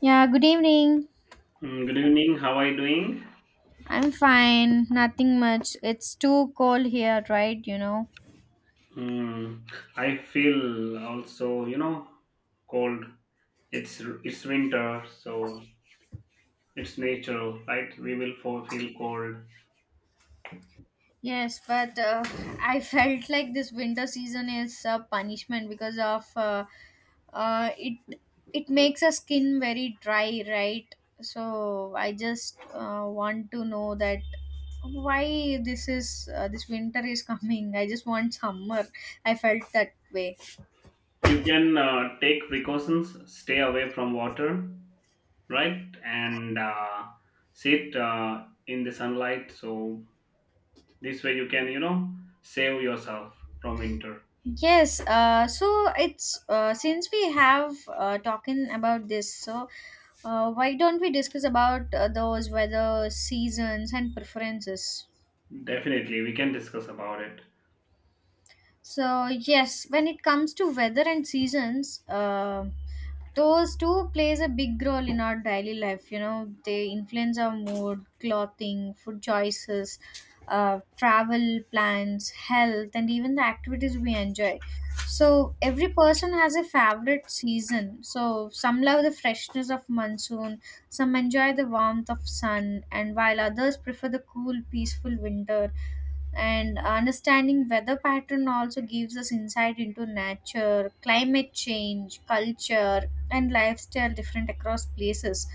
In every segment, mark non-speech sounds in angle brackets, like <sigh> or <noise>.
Yeah, good evening. Good evening. How are you doing? I'm fine. Nothing much. It's too cold here, right? You know. Mm, I feel also, cold. It's winter, so it's natural, right? We will feel cold. Yes, but I <laughs> felt like this winter season is a punishment because of it. It makes our skin very dry, right? So I just want to know that why this is this winter is <laughs> coming. I just want summer. I felt that way. You can take precautions, stay away from water, right? And sit in the sunlight. So this way you can, save yourself from winter. Yes, so it's since we have talking about this, so why don't we discuss about those weather seasons and preferences? Definitely, we can discuss about it. So, yes, when it comes to weather and seasons, those two plays a big role in our daily life. You know, they influence our mood, clothing, food choices, travel plans, health, and even the activities we enjoy. So, every person has a favorite season. So, some love the freshness of monsoon, some enjoy the warmth of sun, and while others prefer the cool, peaceful winter, and understanding weather pattern also gives us insight into nature, climate change, culture, and lifestyle different across places.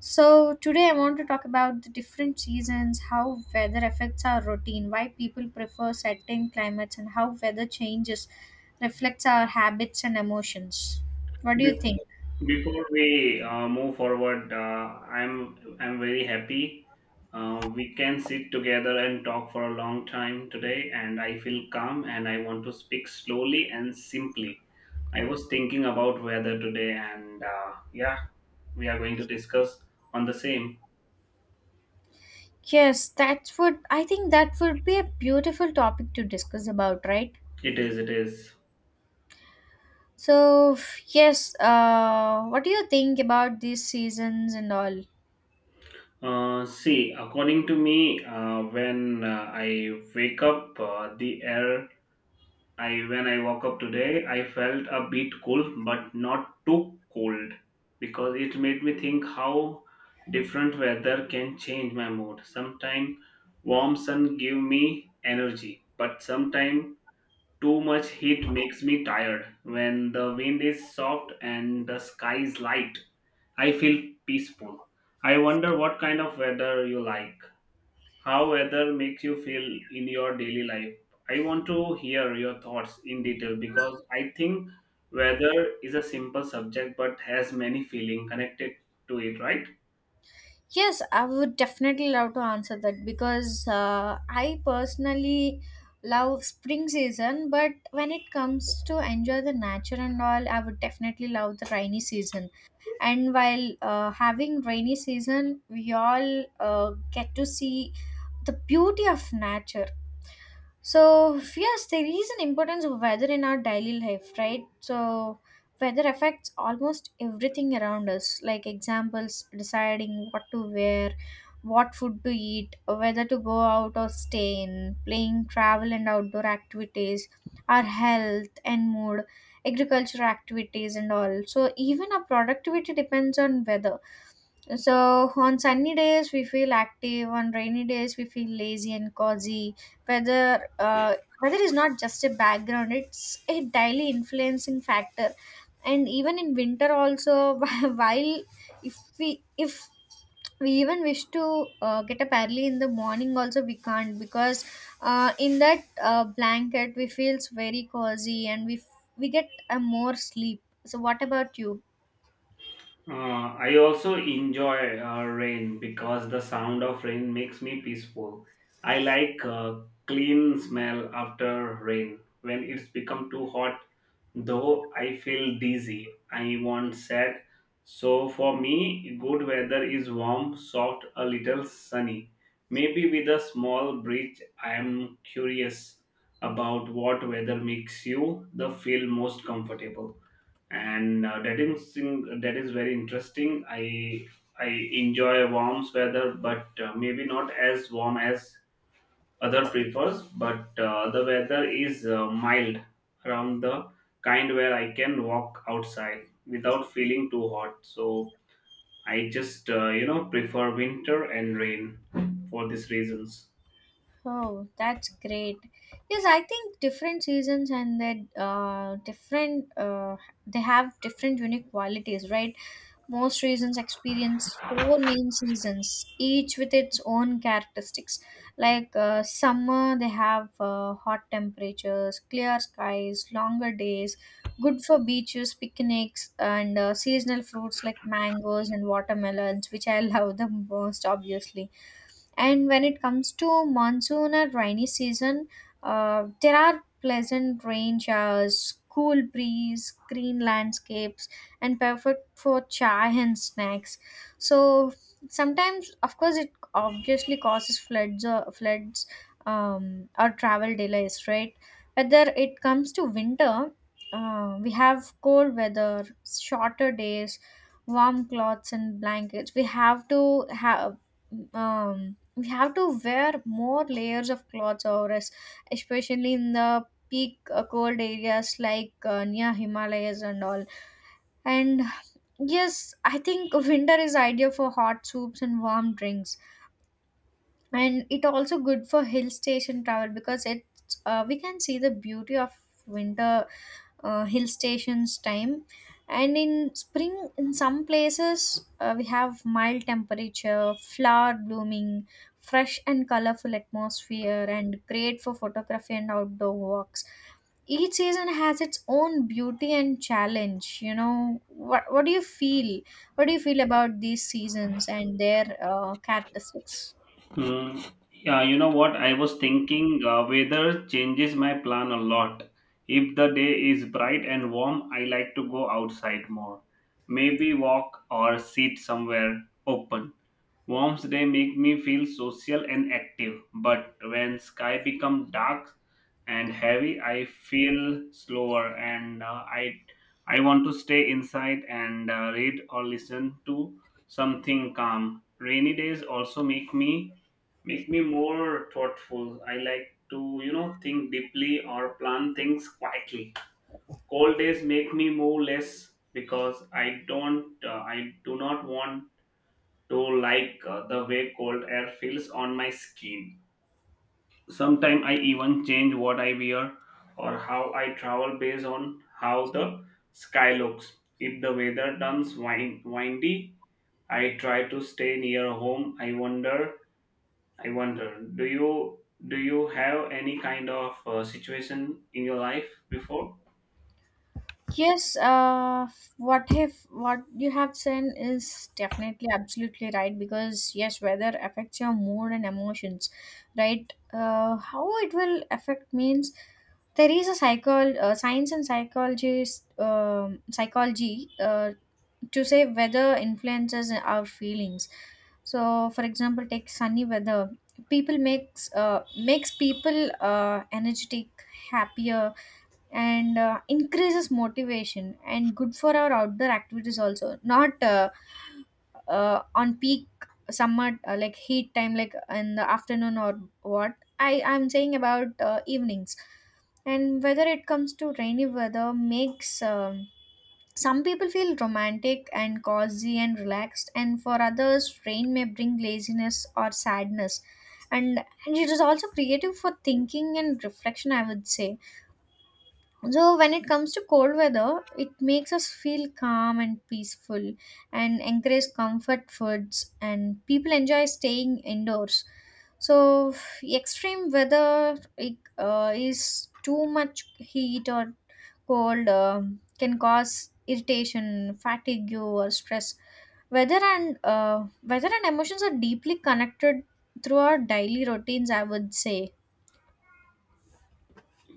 So today I want to talk about the different seasons, how weather affects our routine, why people prefer certain climates, and how weather changes reflects our habits and emotions. What do you think? Before we move forward, I'm very happy. We can sit together and talk for a long time today, and I feel calm and I want to speak slowly and simply. I was thinking about weather today, and yeah, we are going to discuss on the same. Yes, that's what I think. That would be a beautiful topic to discuss about, right? It is, it is. So, yes, what do you think about these seasons and all? See, according to me, when I wake up, the air I when I woke up today, I felt a bit cool, but not too cold, because it made me think how different weather can change my mood. Sometimes warm sun give me energy, but sometimes too much heat makes me tired. When the wind is soft and the sky is light, I feel peaceful. I wonder what kind of weather you like, how weather makes you feel in your daily life. I want to hear your thoughts in detail because I think weather is a simple subject but has many feeling connected to it, right? Yes, I would definitely love to answer that because I personally love spring season, but when it comes to enjoy the nature and all, I would definitely love the rainy season. And while having rainy season, we all get to see the beauty of nature. So, yes, there is an importance of weather in our daily life, right? So, weather affects almost everything around us, like examples, deciding what to wear, what food to eat, whether to go out or stay in, playing travel and outdoor activities, our health and mood, agriculture activities, and all. So, even our productivity depends on weather, so on sunny days we feel active, on rainy days we feel lazy and cozy. Weather, uh, weather is not just a background; it's a daily influencing factor. And even in winter, also, <laughs> while if we even wish to get up early in the morning, also we can't because in that blanket we feels very cozy and we get a more sleep. So what about you? Uh, I also enjoy rain because the sound of rain makes me peaceful. I like clean smell after rain when it's become too hot. Though I feel dizzy, I want sad. So for me, good weather is warm, soft, a little sunny. Maybe with a small breeze. I am curious about what weather makes you the feel most comfortable, and that is very interesting. I enjoy warm weather, but maybe not as warm as other prefers. But the weather is mild around the kind where I can walk outside without feeling too hot. So I just prefer winter and rain for these reasons. Oh, that's great. Yes, I think different seasons and their different they have different unique qualities, right? Most regions experience four main seasons, each with its own characteristics. Like summer, they have hot temperatures, clear skies, longer days, good for beaches, picnics, and seasonal fruits like mangoes and watermelons, which I <laughs> love the most, obviously. And when it comes to monsoon or rainy season, there are pleasant rain showers, cool breeze, green landscapes, and perfect for chai and snacks. So sometimes, of course, it obviously causes floods or floods or travel delays, right? Whether it comes to winter, we have cold weather, shorter days, warm cloths and blankets. Um we have to wear more layers of clothes over us, especially in the peak cold areas like near Himalayas and all. And yes, I think <laughs> winter is ideal for hot soups and warm drinks, and it also good for hill station travel because it's we can see the beauty of winter hill stations time. And in spring, in some places we have mild temperature, flower blooming, fresh and colorful atmosphere, and great for photography and outdoor walks. Each season has its own beauty and challenge. You know what, what do you feel about these seasons and their characteristics? Hmm. Yeah, you know what? I was thinking weather changes my plan a lot. If the day is bright and warm, I like to go outside more. Maybe walk or sit somewhere open. Warm day make me feel social and active, but when sky become dark and heavy, I feel slower, and I want to stay inside and read or listen to something calm. Rainy days also make me more thoughtful. I like to, think deeply or plan things quietly. Cold days make me more less because I do not want to like the way cold air feels on my skin. Sometimes I even change what I wear or how I travel based on how the sky looks. If the weather turns windy, I try to stay near home. I wonder, do you have any kind of situation in your life before? Yes, what if what you have said is definitely absolutely right because yes, weather affects your mood and emotions, right? How it will affect means there is a cycle. Science and psychology is, psychology to say weather influences our feelings. So, for example, take sunny weather. People makes makes people energetic, happier, and increases motivation and good for our outdoor activities also, not on peak summer like heat time, like in the afternoon, or what I'm saying about evenings. And whether it comes to rainy weather, makes some people feel romantic and cozy and relaxed, and for others rain may bring laziness or sadness, and it is also creative for thinking and reflection, I would say. So when it comes to cold weather, it makes us feel calm and peaceful, and encourage comfort foods, and people enjoy staying indoors. So extreme weather, is too much heat or cold can cause irritation, fatigue, or stress. Weather and emotions are deeply connected through our daily routines, I would say.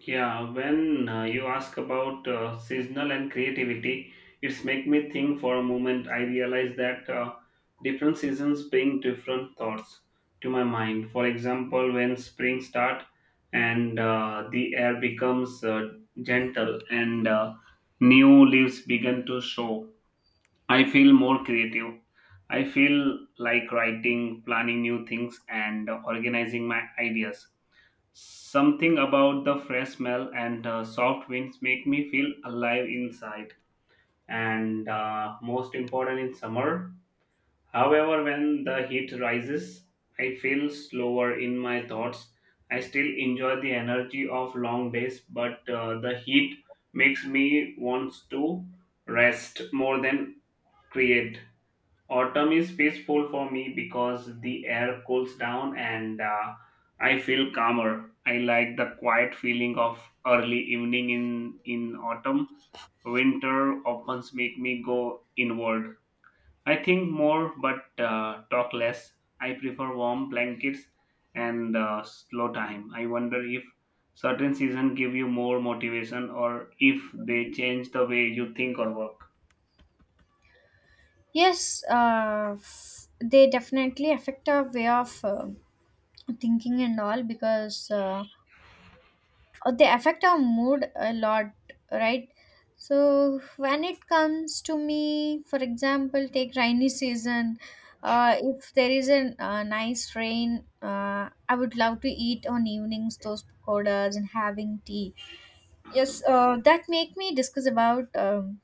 Yeah, when you ask about seasonal and creativity, it's make me think for a moment. I realize that different seasons bring different thoughts to my mind. For example, when spring start and the air becomes gentle and new leaves begin to show, I feel more creative. I feel like writing, planning new things, and organizing my ideas. Something about the fresh smell and soft winds make me feel alive inside. And most important in summer. However, when the heat rises, I feel slower in my thoughts. I still enjoy the energy of long days, but the heat makes me wants to rest more than create. Autumn is peaceful for me because the air cools down and I feel calmer. I like the quiet feeling of early evening in autumn. Winter often make me go inward. I think more but talk less. I prefer warm blankets and slow time. I wonder if certain seasons give you more motivation or if they change the way you think or work. Yes, they definitely affect our way of thinking and all because they affect our mood a lot, right? So when it comes to me, for example, take rainy season. If there is a nice rain, I would love to eat on evenings those pakodas and having tea. Yes, that make me discuss about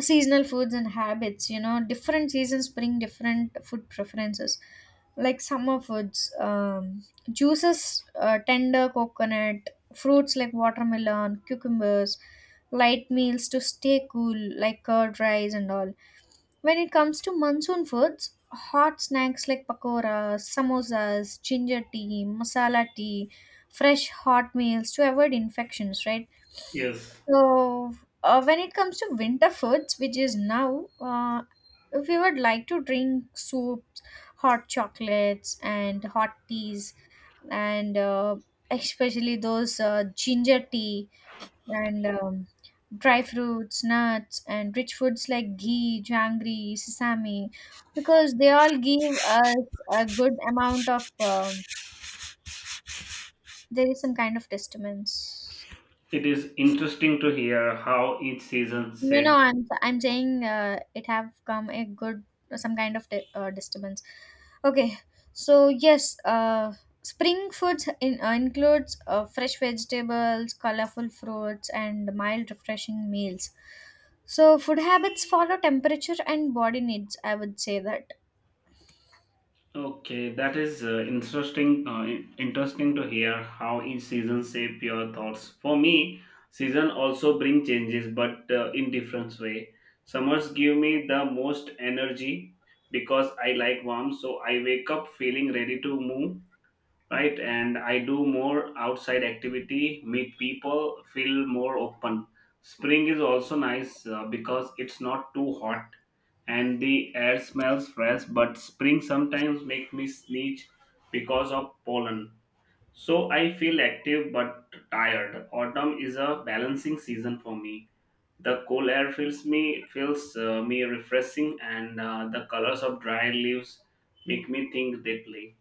seasonal foods and habits. You know, different seasons bring different food preferences, like summer foods, juices, tender coconut, fruits like watermelon, cucumbers, light meals to stay cool, like curd rice and all. When it comes to monsoon foods, hot snacks like pakoras, samosas, ginger tea, masala tea, fresh hot meals to avoid infections, right? Yes. So, when it comes to winter foods, which is now, if you would like to drink soups, hot chocolates, and hot teas, and especially those ginger tea, and dry fruits, nuts, and rich foods like ghee, janggery, sesame, because they all give us a good amount of. There is some kind of disturbance. It is interesting to hear how each season No, no, shaped. I'm saying it have come a good some kind of disturbance. Okay, so yes, spring foods includes fresh vegetables, colorful fruits, and mild, refreshing meals. So, food habits follow temperature and body needs. I would say that. Okay, that is interesting. Interesting to hear how each season shape your thoughts. For me, season also bring changes, but in different way. Summers give me the most energy because I like warm, so I wake up feeling ready to move right, and I do more outside activity, meet people, feel more open. Spring is also nice because it's not too hot, and the air smells fresh, but spring sometimes make me sneeze because of pollen. So I feel active but tired. Autumn is a balancing season for me. The cool air fills me, feels me refreshing, and the colors of dry leaves make me think deeply.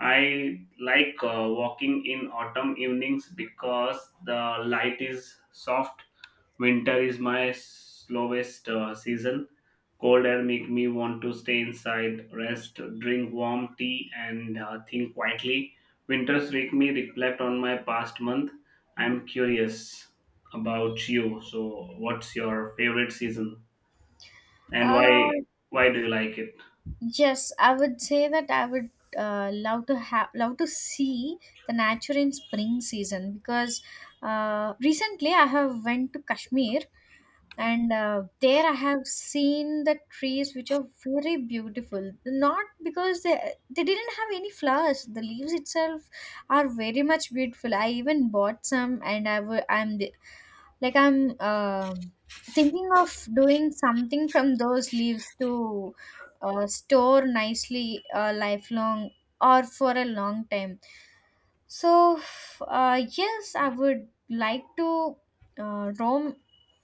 I like walking in autumn evenings because the light is soft. Winter is my slowest season. Cold air make me want to stay inside, rest, drink warm tea, and think quietly. Winters make me reflect on my past month. I'm curious about you. So, what's your favorite season, and why? Uh, Why do you like it? yes, I would say that I would love to have love to see the nature in spring season because recently I have went to Kashmir, and there I have seen the trees which are very beautiful, not because they didn't have any flowers, the leaves itself are very much beautiful. I even bought some, and I w- I'm like I'm um thinking of doing something from those leaves to store nicely lifelong or for a long time. So yes, I would like to roam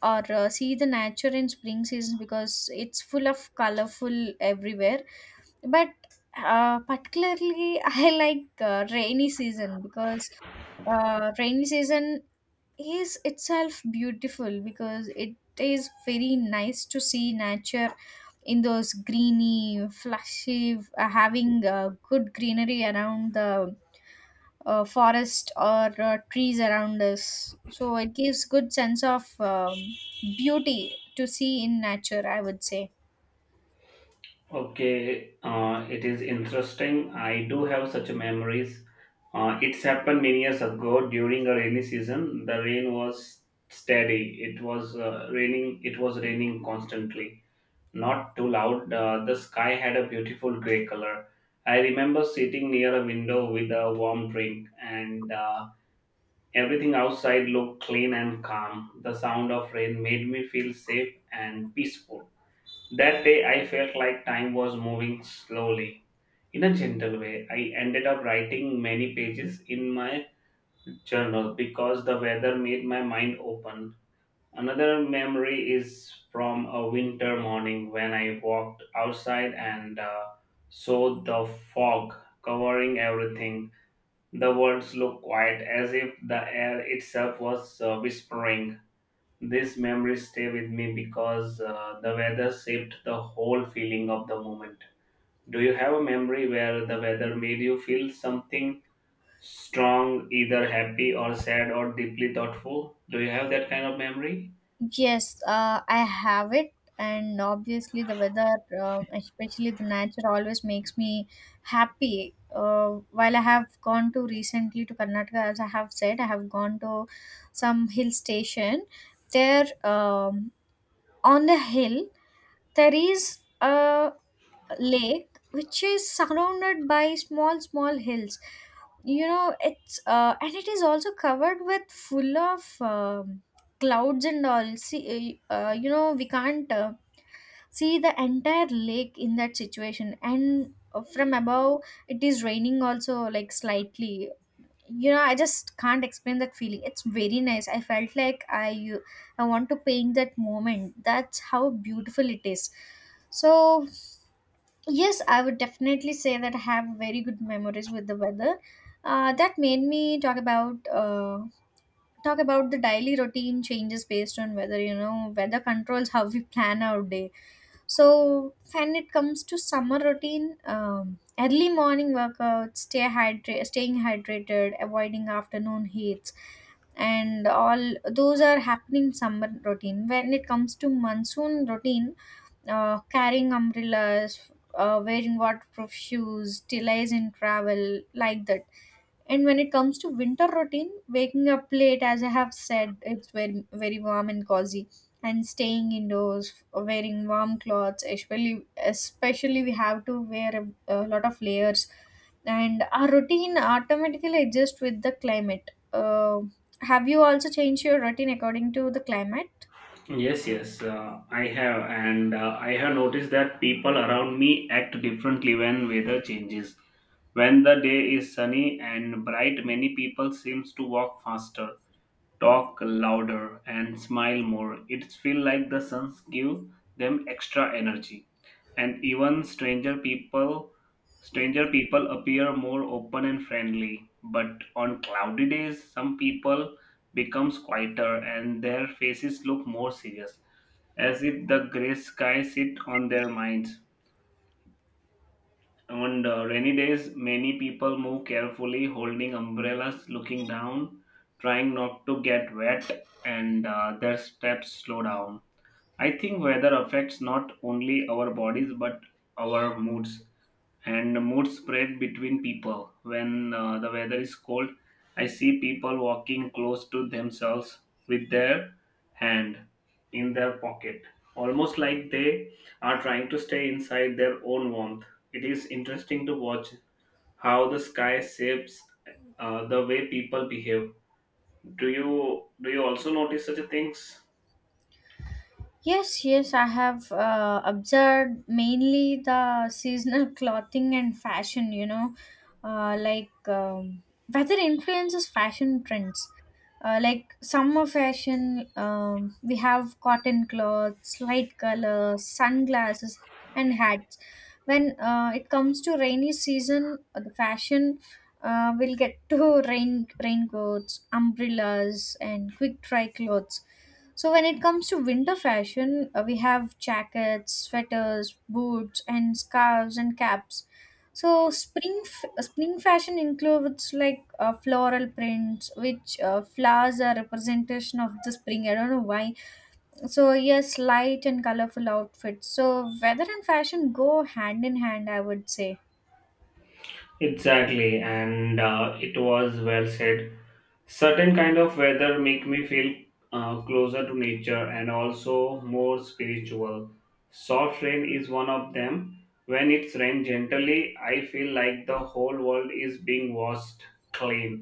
or see the nature in spring season because it's full of colorful everywhere. But particularly <laughs> I like rainy season because rainy season is itself beautiful because it is very nice to see nature in those greeny flashy having good greenery around the forest or trees around us, so it gives good sense of beauty to see in nature, I would say. Okay, it is interesting. I do have such memories. It's happened many years ago during a rainy season. The rain was steady. It was raining. It was raining constantly, not too loud. The sky had a beautiful gray color. I remember sitting near a window with a warm drink, and everything outside looked clean and calm. The sound of rain made me feel safe and peaceful. That day, I felt like time was moving slowly. In a gentle way, I ended up writing many pages in my journal because the weather made my mind open. Another memory is from a winter morning when I walked outside and saw the fog covering everything. The words looked quiet as if the air itself was whispering. These memories stay with me because the weather shaped the whole feeling of the moment. Do you have a memory where the weather made you feel something strong, either happy or sad or deeply thoughtful? Do you have that kind of memory? Yes, I have it, and obviously the weather, especially the nature, always makes me happy. While I have gone to recently to Karnataka, as I have said, I have gone to some hill station. There, on the hill, there is a lake which is surrounded by small small hills, you know. It's and it is also covered with full of clouds and all, see you know, we can't see the entire lake in that situation, and from above it is raining also, like slightly, you know. I just can't explain that feeling. It's very nice. I felt like I want to paint that moment. That's how beautiful it is. So yes, I would definitely say that I have very good memories with the weather. That made me talk about the daily routine changes based on weather. You know, weather controls how we plan our day. So when it comes to summer routine, early morning workouts, staying hydrated, avoiding afternoon heats, and all those are happening summer routine. When it comes to monsoon routine, carrying umbrellas, wearing waterproof shoes, delays in travel, like that. And when it comes to winter routine, waking up late, as I have said, it's very, very warm and cozy. And staying indoors, wearing warm clothes, especially we have to wear a lot of layers. And our routine automatically adjusts with the climate. Have you also changed your routine according to the climate? Yes, yes, I have, and I have noticed that people around me act differently when weather changes. When the day is sunny and bright, many people seems to walk faster, talk louder, and smile more. It feels like the suns give them extra energy, and even stranger people appear more open and friendly. But on cloudy days some people becomes quieter, and their faces look more serious, as if the gray sky sit on their minds. On rainy days many people move carefully, holding umbrellas, looking down, trying not to get wet, and their steps slow down. I think weather affects not only our bodies but our moods, and mood spread between people. When the weather is cold, I see people walking close to themselves with their hand in their pocket, almost like they are trying to stay inside their own warmth. It is interesting to watch how the sky shapes the way people behave. Do you also notice such a things? Yes, yes, I have observed mainly the seasonal <laughs> clothing and fashion, uh, like um, Weather influences fashion trends. Like summer fashion, we have cotton clothes, light colors, sunglasses, and hats. When it comes to rainy season, the fashion will get <laughs> to rain raincoats, umbrellas, and quick dry clothes. So when it comes to winter fashion, we have jackets, sweaters, boots, and scarves and caps. So spring fashion includes like floral prints, which flowers are representation of the spring. I don't know why. So yes, light and colorful outfits. So weather and fashion go hand in hand, I would say. Exactly, and it was well said. Certain kind of weather make me feel closer to nature and also more spiritual. Soft rain is one of them. When it's rained gently, I feel like the whole world is being washed clean,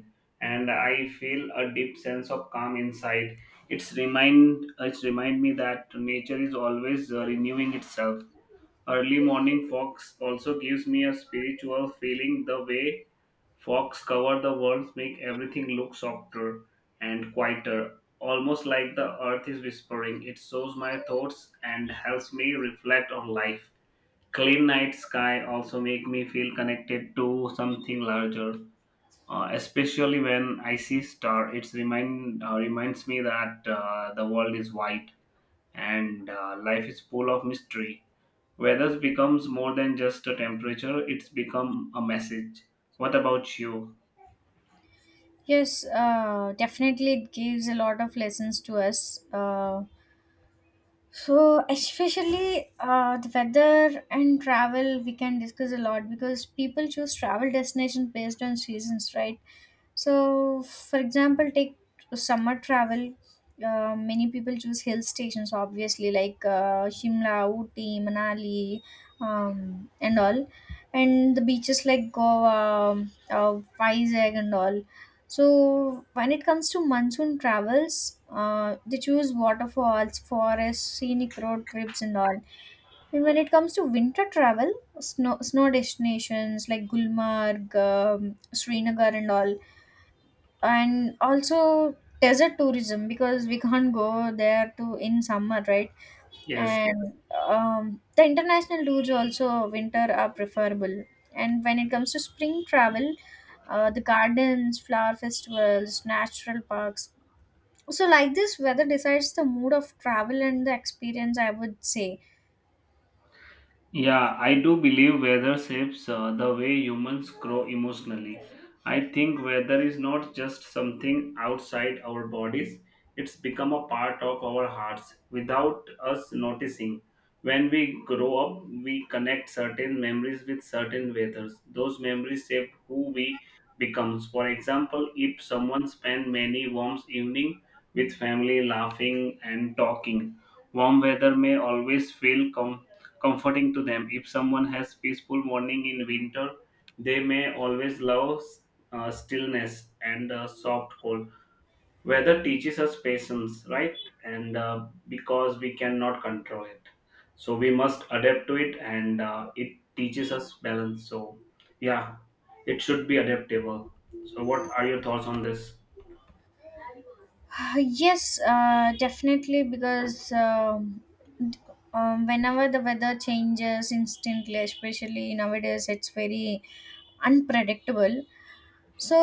and I feel a deep sense of calm inside. It's remind me that nature is always renewing itself. Early morning fogs also gives me a spiritual feeling. The way fogs cover the world, make everything look softer and quieter, almost like the earth is whispering. It shows my thoughts and helps me reflect on life. Clean night sky also make me feel connected to something larger. Especially when I see star, it remind reminds me that the world is wide and life is full of mystery. Weather becomes more than just a temperature; it's become a message. What about you? Yes, definitely it gives a lot of lessons to us. So, especially the weather and travel, we can discuss a lot because people choose travel destination based on seasons, right? So, for example, take summer travel. Many people choose hill stations, obviously, like Shimla, Ooty, Manali, and all, and the beaches like Goa, Vizag, and all. So, when it comes to monsoon travels, they choose waterfalls, forests, scenic road trips, and all. And when it comes to winter travel, snow destinations like Gulmarg, Srinagar, and all, and also desert tourism because we <laughs> can't go there to in summer, right? Yes. And the international tours also winter are preferable. And when it comes to spring travel, the gardens, flower festivals, natural parks. So like this weather decides the mood of travel and the experience, I would say. Yeah, I do believe weather shapes the way humans grow emotionally. I think weather is not just something outside our bodies, it's become a part of our hearts without us noticing. When we grow up, we connect certain memories with certain weathers. Those memories shape who we become. For example, if someone spent many warm evening with family laughing and talking, warm weather may always feel comforting to them. If someone has peaceful morning in winter, they may always love stillness and soft cold. Weather teaches us patience, right? And because we cannot control it, so we must adapt to it, and it teaches us balance. So, yeah, it should be adaptable. So, what are your thoughts on this? <sighs> Yes, definitely because d- whenever the weather changes instantly, especially nowadays it's very unpredictable. So,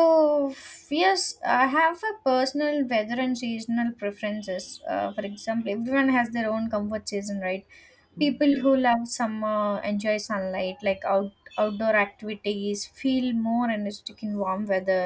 yes, I have a personal weather and seasonal preferences. For example, everyone has their own comfort season, right? People who love summer enjoy sunlight, like outdoor activities, feel more energetic in warm weather.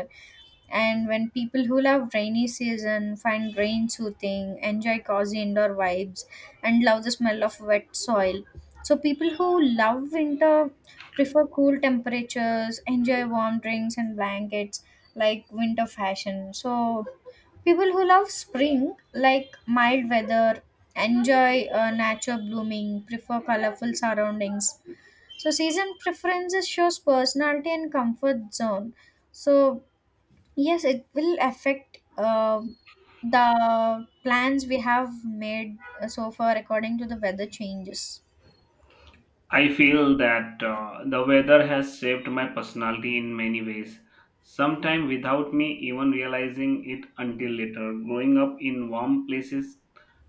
And when people who love rainy season find rain soothing, enjoy cozy indoor vibes, and love the smell of wet soil. So people who love winter prefer cool temperatures, enjoy warm drinks and blankets like winter fashion. So people who love spring like mild weather, enjoy nature blooming, prefer colorful surroundings. So season preferences shows personality and comfort zone. So yes, it will affect the plans we have made so far according to the weather changes. I feel that the weather has shaped my personality in many ways, sometimes without me even realizing it until later. Growing up in warm places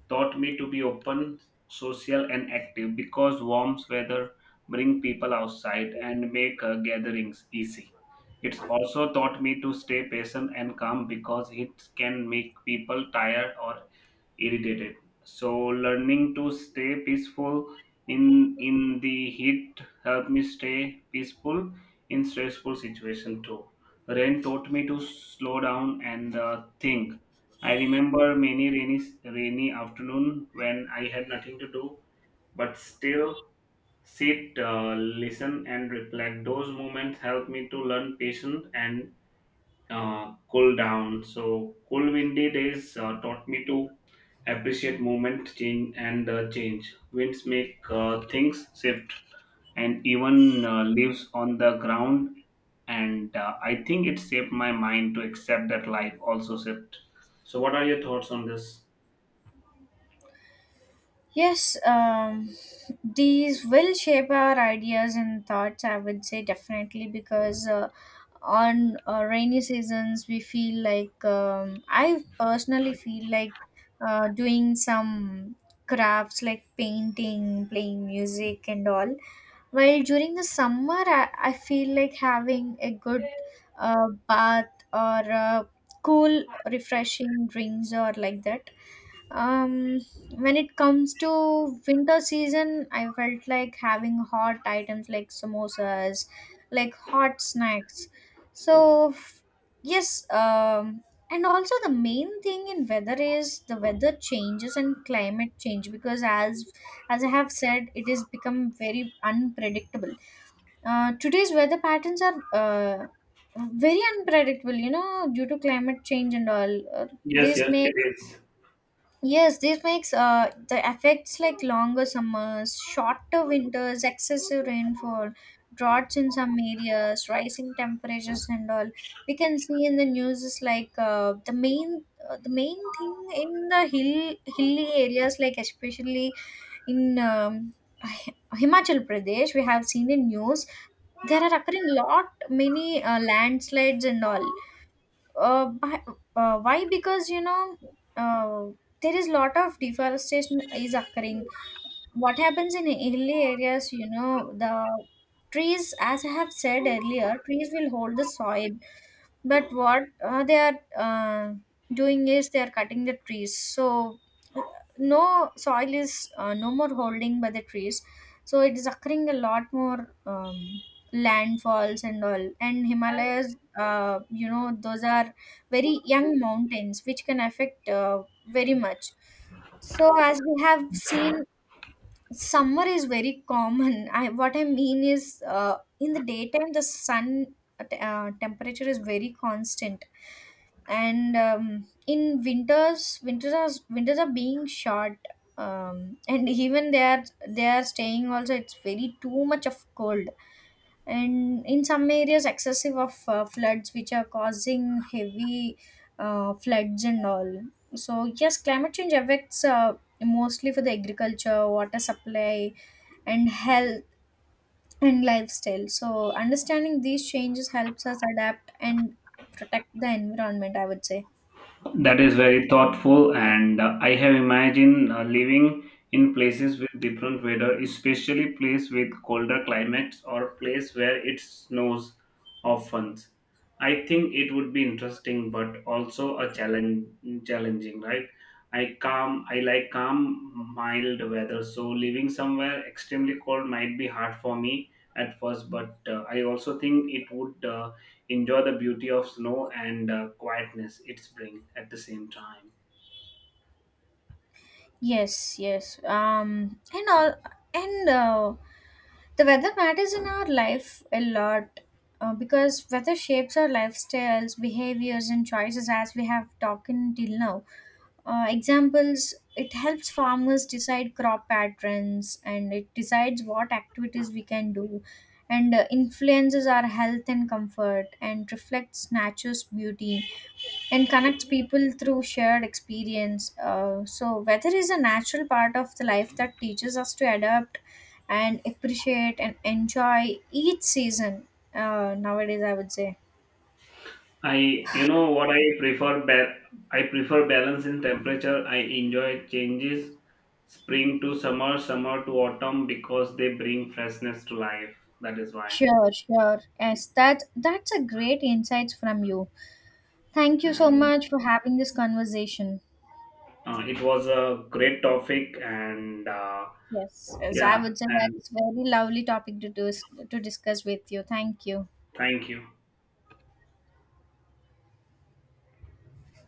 taught me to be open, social, and active because warm weather bring people outside and make gatherings easy. It's also taught me to stay patient and calm because it can make people tired or irritated. So learning to stay peaceful in the heat helped me stay peaceful in stressful situation too. Rain taught me to slow down and think. I remember many rainy afternoon when I had nothing to do but still sit, listen, and reflect. Those moments helped me to learn patience and cool down. So cool windy days taught me to appreciate movement, change, and change. Winds make things shift, and even leaves on the ground. And I think it shaped my mind to accept that life also shift. So, what are your thoughts on this? Yes, these will shape our ideas and thoughts, I would say definitely, because on rainy seasons, we feel like I personally feel like doing some crafts like painting, playing music, and all. While during the summer, I feel like having a good bath or cool, refreshing drinks or like that. um when it comes to winter season, I felt like having hot items like samosas, like hot snacks. So f- yes um and also the main thing in weather is the weather changes and climate change. Because as I have said, it has become very unpredictable. Today's weather patterns are very unpredictable, you know, due to climate change and all Yes, this yes, may it is. Yes, this makes the effects like longer summers, shorter winters, excessive rainfall, droughts in some areas, rising temperatures, and all. We can see in the news is like the main thing in the hilly areas, like especially in <laughs> Himachal Pradesh, we have seen in news there are occurring lot many landslides and all uh, by, why? Because you know, uh, there is lot of deforestation is occurring. What happens in hilly areas, you know, the trees, as I have said earlier, trees will hold the soil. But what they are uh, doing is they are cutting the trees. So uh, no soil is no more holding by the trees. So it is occurring a lot more, landfalls and all. And himalayas, you know, those are very young mountains which can affect very much. So as we have seen, summer is very common. I what I mean is in the daytime the sun temperature is very constant. And in winters, winters are being short. And even they are, they are staying also, it's very too much of cold. And in some areas excessive of floods which are causing heavy floods and all. So yes, climate change affects mostly for the agriculture, water supply, and health, and lifestyle. So understanding these changes helps us adapt and protect the environment, I would say. That is very thoughtful, and I have imagined living in places with different weather, especially place with colder climates or place where it snows often. I think it would be interesting, but also challenging, right? I like calm, mild weather, so living somewhere extremely cold might be hard for me at first, but I also think it would. Enjoy the beauty of snow and quietness it's bring at the same time. Yes, yes. Um, and all, and the weather matters in our life a lot. Because weather shapes our lifestyles, behaviors, and choices, as we have talked until now. Examples it helps farmers decide crop patterns, and it decides what activities we can do, and influences our health and comfort, and reflects nature's beauty, and connects people through shared experience. So weather is a natural part of the life that teaches us to adapt and appreciate and enjoy each season, nowadays I would say. I you know what I prefer ba- I prefer balance in temperature. I enjoy changes, spring to summer, summer to autumn, because they bring freshness to life. That is why. Sure, sure, yes, that's a great insights from you. Thank you so And much for having this conversation. It was a great topic, and Yes. Yes, I yeah. would say And that's very lovely topic to do, to discuss with you. Thank you. thank you.